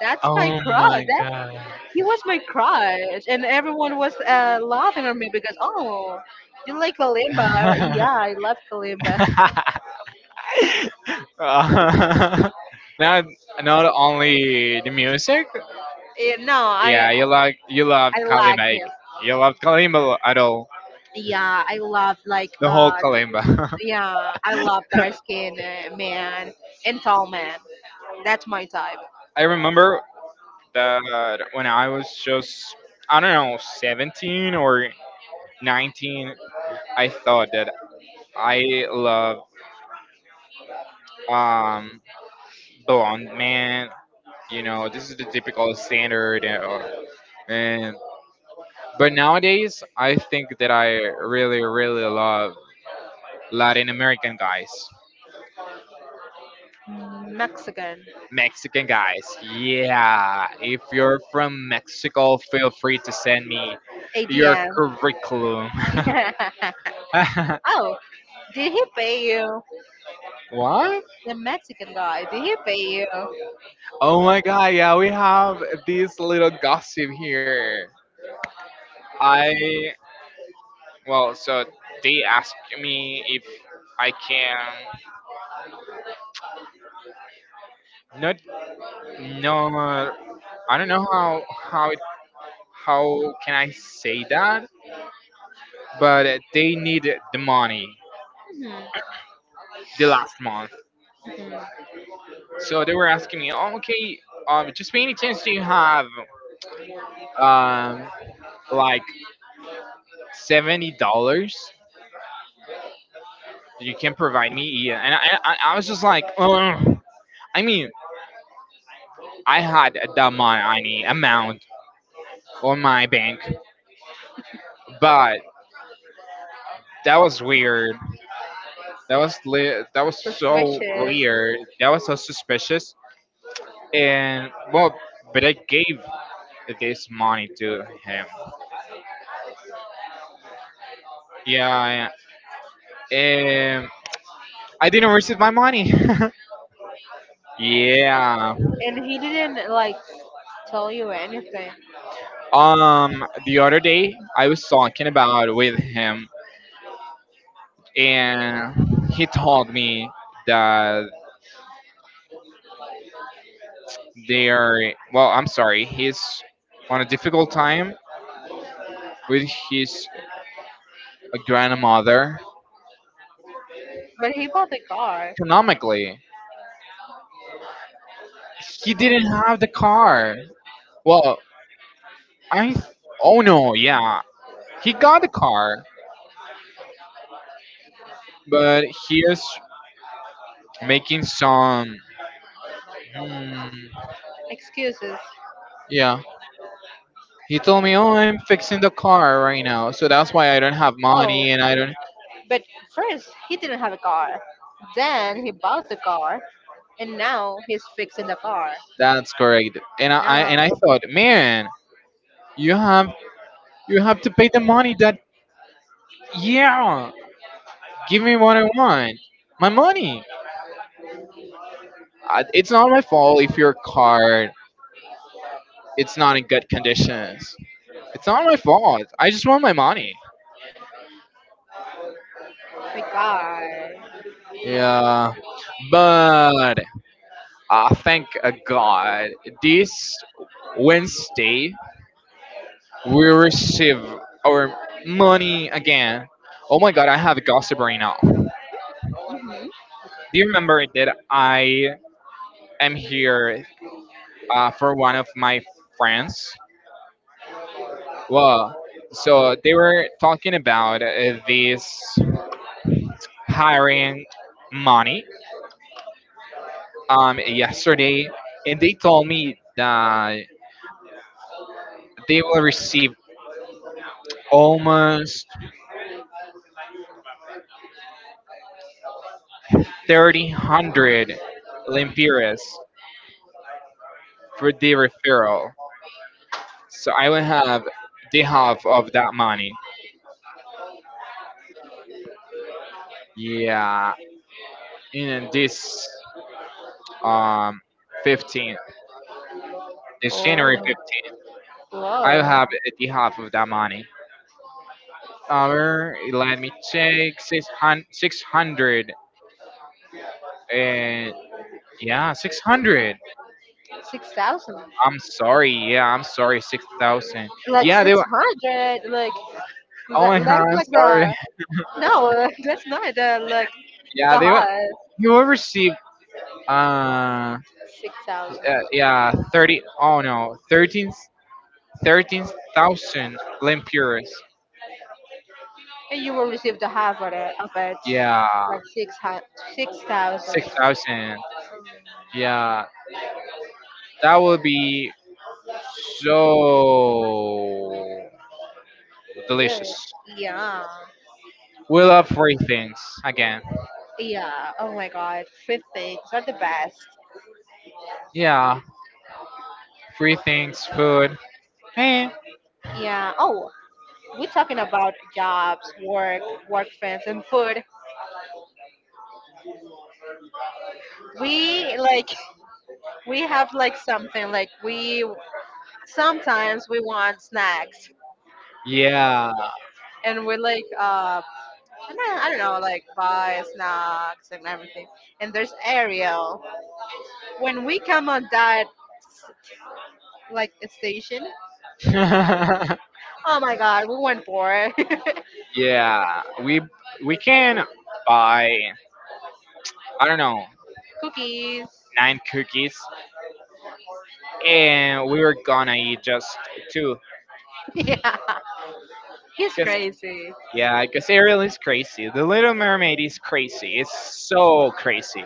S1: That's my
S2: Oh my
S1: crowd.
S2: god.
S1: He was my crush, and everyone was laughing at me because oh, you like Kalimba? I went, yeah, I love Kalimba.
S2: Uh, not not only the music.
S1: Yeah, no, I
S2: Yeah, you like you loved
S1: I like
S2: Kalimba.
S1: him.
S2: You loved Kalimba at all.
S1: Yeah, I love like
S2: The whole Kalimba.
S1: yeah, I love dark skin man and tall man. That's my type.
S2: I remember that when I was just, I don't know, 17 or 19, I thought that I love um, blonde man. You know, this is the typical standard. You know, and but nowadays, I think that I really, really love Latin American guys.
S1: Mexican
S2: Mexican guys, yeah. If you're from Mexico, feel free to send me your
S1: ADM.
S2: curriculum.
S1: oh, did he pay you?
S2: What?
S1: The Mexican guy, did he pay you?
S2: Oh my god, yeah, we have this little gossip here. I well, so they asked me if I can not no I don't know how how it, how can I say that, but they need the money
S1: Hmm.
S2: the last month.
S1: Hmm.
S2: So they were asking me, "Oh, okay, just by any chance do you have um like $70 you can provide me?" Yeah, and I was just like, "Ugh." I mean, I had that money amount on my bank, but that was weird. That was that was so
S1: Suspicious.
S2: weird. That was so suspicious. And well, but I gave this money to him. Yeah, yeah, and I didn't receive my money. Yeah.
S1: And he didn't like tell you anything.
S2: The other day I was talking about with him, and he told me that they are well. I'm sorry. He's on a difficult time with his grandmother
S1: But he bought the car.
S2: economically. He didn't have the car. Well, I. th- oh no, yeah, he got the car, but he is making some. Hmm,
S1: Excuses.
S2: yeah, he told me, "Oh, I'm fixing the car right now," so that's why I don't have
S1: Oh,
S2: money, and I don't.
S1: but first he didn't have a car. Then he bought the car, and now he's fixing the car.
S2: That's correct. And I
S1: Now,
S2: and I thought, man, you have you have to pay the money that. Yeah, give me what I want. My money. I, it's not my fault if your card it's not in good conditions. It's not my fault. I just want my money.
S1: oh my God.
S2: Yeah, but thank God, this Wednesday we receive our money again. Oh my God, I have a gossip right now. Do
S1: Hmm.
S2: you remember that I am here for one of my friends? Well, so they were talking about this hiring money yesterday, and they told me that they will receive almost 3,000 lempiras for the referral. So I will have the half of that money. Yeah, in this um, 15, this January
S1: Oh,
S2: fifteenth. I will have
S1: whoa,
S2: the half of that money. Our, let me check. 600. And yeah, 600.
S1: 6,000,
S2: I'm sorry. Yeah, I'm sorry. 6,000.
S1: like
S2: Yeah, they
S1: six
S2: were.
S1: hundred, like
S2: Oh
S1: that.
S2: my god,
S1: That's
S2: I'm
S1: like
S2: sorry.
S1: the no, that's not the like
S2: Yeah,
S1: the
S2: they were.
S1: high
S2: You will receive, uh, uh
S1: 6,000.
S2: yeah, 30. Oh no, 13, 13,000 Limpuras.
S1: And you will receive the half of it, of it,
S2: Yeah,
S1: like 6,000.
S2: 6,000. Yeah, that will be so
S1: Good.
S2: delicious.
S1: Yeah.
S2: We love free things again.
S1: Yeah. Oh my God. Free things are the best.
S2: Yeah, free things, food. Eh.
S1: Yeah. Oh, we're talking about jobs, work, work friends, and food. We like we have like something like we sometimes we want snacks,
S2: Yeah.
S1: and we are like I don't know, like buy snacks and everything. And there's Ariel. When we come on that, like a station. Oh my god, we went for
S2: Yeah. We can buy I don't know
S1: cookies.
S2: nine cookies, and we were gonna eat just two.
S1: Yeah, he's
S2: Cause
S1: crazy.
S2: yeah, cause Ariel is crazy. The Little Mermaid is crazy. It's so crazy,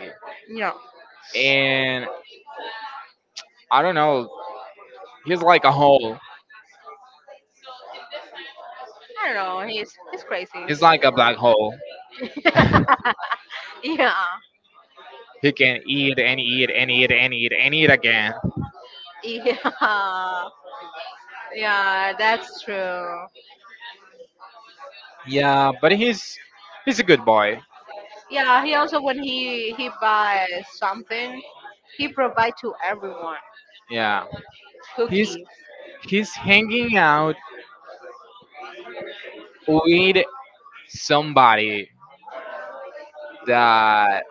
S1: No,
S2: and I don't know. He's like a hole.
S1: I don't know. He's crazy.
S2: He's like a black hole.
S1: yeah,
S2: He can eat and eat and eat and eat and eat again.
S1: yeah, yeah. That's true.
S2: Yeah, but he's a good boy.
S1: Yeah, he also when he buys something, he provide to everyone
S2: Yeah, he's
S1: cookies.
S2: he's hanging out with somebody that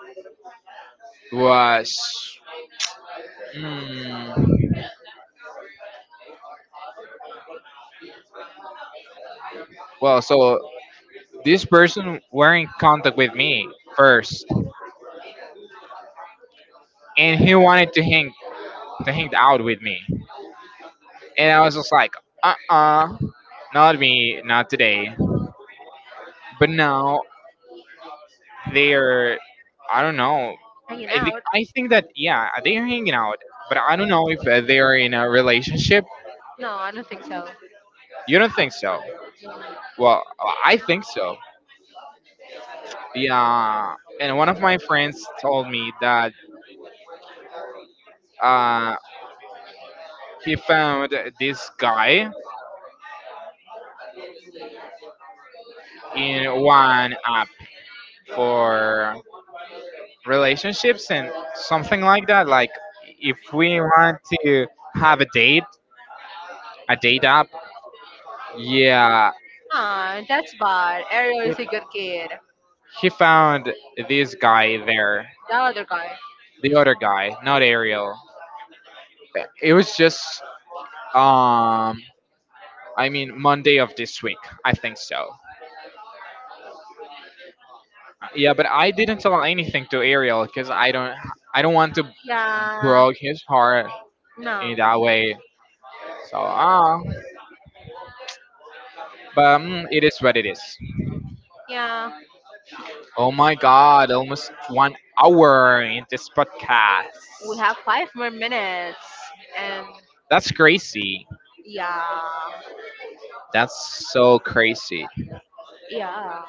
S2: was. Mm, well, so this person were in contact with me first, and he wanted to hang out with me, and I was just like, uh uh not me, not today. But now they're I don't know.
S1: Hanging out?
S2: I think that yeah, they're hanging out, but I don't know if they're in a relationship.
S1: No, I don't think so.
S2: You don't think so? Well, I think so. Yeah, and one of my friends told me that uh, he found this guy in one app for relationships and something like that. Like if we want to have a date app. Yeah,
S1: Ah, that's bad. Ariel is a good kid.
S2: he found this guy there,
S1: The other guy.
S2: the other guy, not Ariel. It was just, um, I mean, Monday of this week. I think so. Yeah, but I didn't tell anything to Ariel because I don't want to
S1: Yeah.
S2: broke his heart
S1: No.
S2: in that way. So ah, but mm, it is what it is.
S1: Yeah.
S2: Oh my God! Almost 1 hour in this podcast.
S1: We have 5 more minutes, and
S2: That's crazy.
S1: yeah,
S2: That's so crazy.
S1: yeah,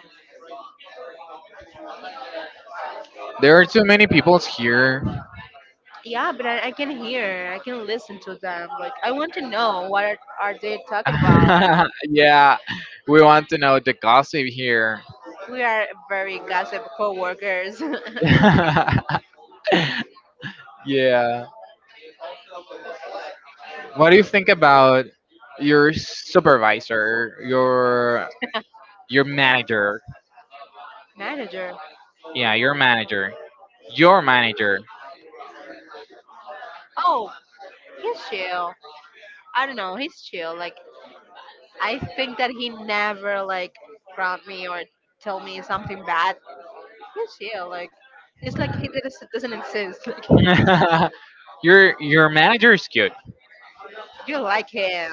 S2: There are too many people here.
S1: yeah, but I can listen to them. Like, I want to know what are they talking about.
S2: Yeah, we want to know the gossip here.
S1: We are very gossip co-workers.
S2: Yeah. What do you think about your supervisor, your manager?
S1: Manager.
S2: Yeah, your manager. Your manager.
S1: Oh, he's chill. I don't know, he's chill, like, I think that he never like grumped me or tell me something bad. He's chill, like, it's like he doesn't exist. Like,
S2: Your manager is cute.
S1: you like him.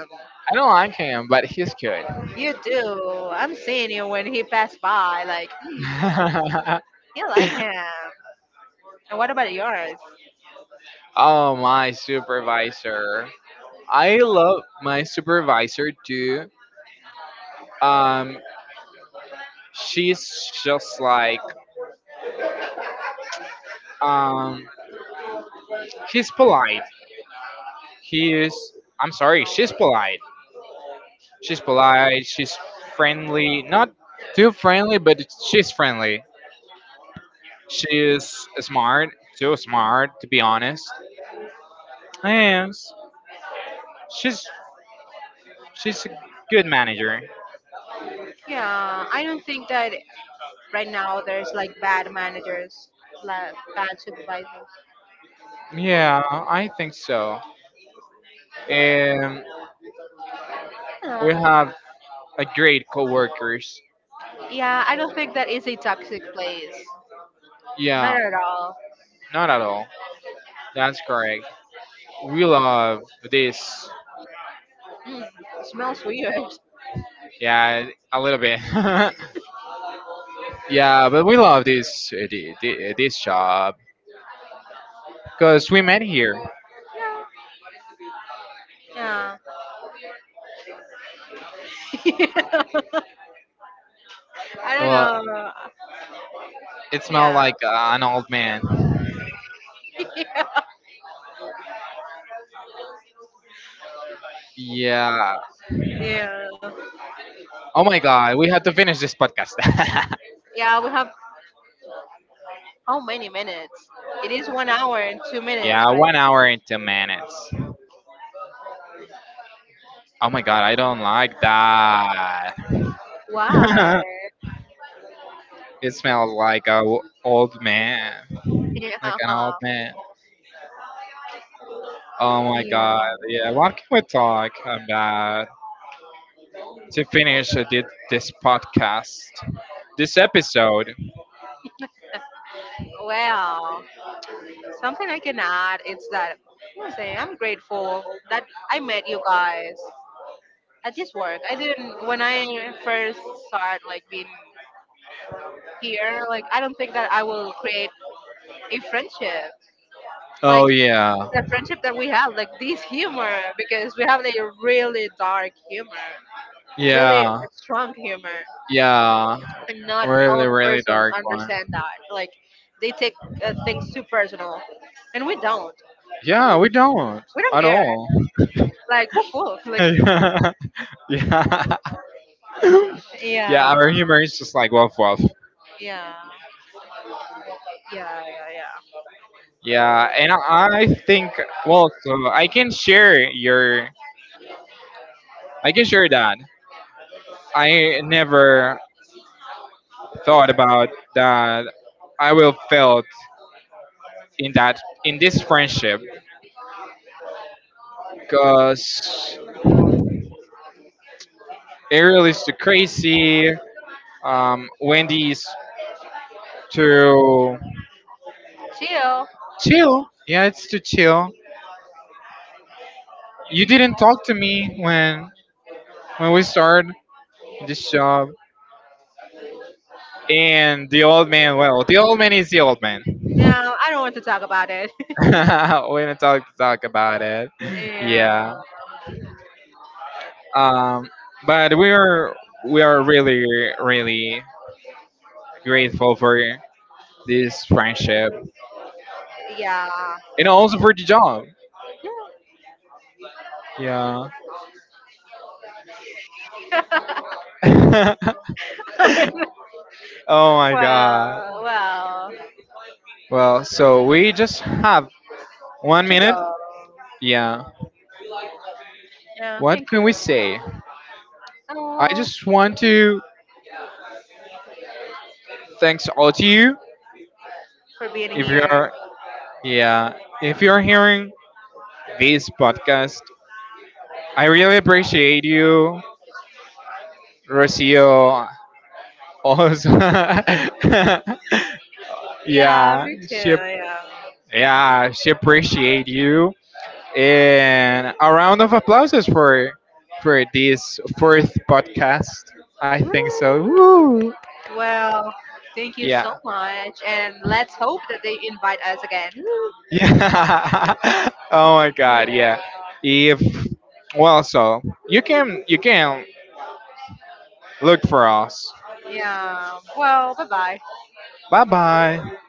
S2: I don't like him, but he's cute.
S1: You do. I'm seeing you when he passed by. Like, "Mm, you like him." And what about yours?
S2: Oh, my supervisor. I love my supervisor too. Um, she's just like um he's polite. He is. I'm sorry. She's polite. She's polite. She's friendly. Not too friendly, but she's friendly. She is smart. Too smart, to be honest. Yes. She's she's a good manager.
S1: Yeah, I don't think that right now there's like bad managers, like bad supervisors.
S2: Yeah, I think so. And
S1: Uh,
S2: we have a great coworkers.
S1: yeah, I don't think that is a toxic place. Not
S2: Yeah.
S1: at all.
S2: Not at all. That's correct. We love this.
S1: Mm, smells weird.
S2: Yeah, a little bit. Yeah, but we love this this shop because we met here.
S1: Yeah. I don't
S2: Well,
S1: know.
S2: it smelled
S1: Yeah.
S2: like an old man. Yeah.
S1: Yeah.
S2: Oh my god, we have to finish this podcast.
S1: Yeah, we have how many minutes? It is 1 hour and two minutes,
S2: Yeah,
S1: right?
S2: 1 hour and 10 minutes. Oh my god, I don't like that.
S1: Why?
S2: It smells like a old man, like
S1: Yeah.
S2: an old man. Oh my
S1: Yeah.
S2: god, yeah. What can we talk about to finish this podcast, this episode?
S1: Well, something I can add is that I'm saying I'm grateful that I met you guys at this work. I didn't when I first started like being here. Like, I don't think that I will create a friendship like
S2: Oh yeah.
S1: the friendship that we have, like this humor, because we have like a really dark humor, really
S2: Yeah.
S1: strong humor,
S2: Yeah.
S1: and not all
S2: Really,
S1: the
S2: really
S1: persons
S2: dark one.
S1: understand that. Like, they take things too personal, and we don't.
S2: Yeah, we don't
S1: We don't
S2: at
S1: care.
S2: all.
S1: Like woof woof. Like,
S2: Yeah. Yeah,
S1: yeah,
S2: our humor is just like woof woof.
S1: yeah, yeah, yeah, yeah.
S2: Yeah, and I think well, so I can share your I can share that. I never thought about that I will felt in this friendship because it really is too crazy Wendy's to
S1: Chill.
S2: chill. Yeah, it's to chill. You didn't talk to me when we started this job. And the old man, well, the old man is the old man.
S1: Yeah, I don't want to talk about it.
S2: We don't talk about it.
S1: yeah,
S2: Yeah. Um, but we are really really grateful for this friendship
S1: yeah.
S2: and also for the job. Yeah. Oh my
S1: well,
S2: god.
S1: well,
S2: Well, so we just have One
S1: to
S2: minute?
S1: go.
S2: Yeah.
S1: Yeah,
S2: What
S1: thank
S2: can
S1: you.
S2: we say? I
S1: Oh,
S2: just want to thanks all to you.
S1: for being
S2: If
S1: here.
S2: you're yeah, if you're hearing this podcast, I really appreciate you, Rocio. Also,
S1: Yeah,
S2: yeah,
S1: me too.
S2: she
S1: Yeah.
S2: yeah she appreciate you, and a round of applauses for this fourth podcast. I think so.
S1: Woo.
S2: Woo!
S1: Well, thank you
S2: Yeah.
S1: so much, and let's hope that they invite us again.
S2: Yeah. Oh my god, yeah.
S1: Yeah.
S2: If well so you can look for us.
S1: Yeah. Well, bye bye.
S2: Bye bye.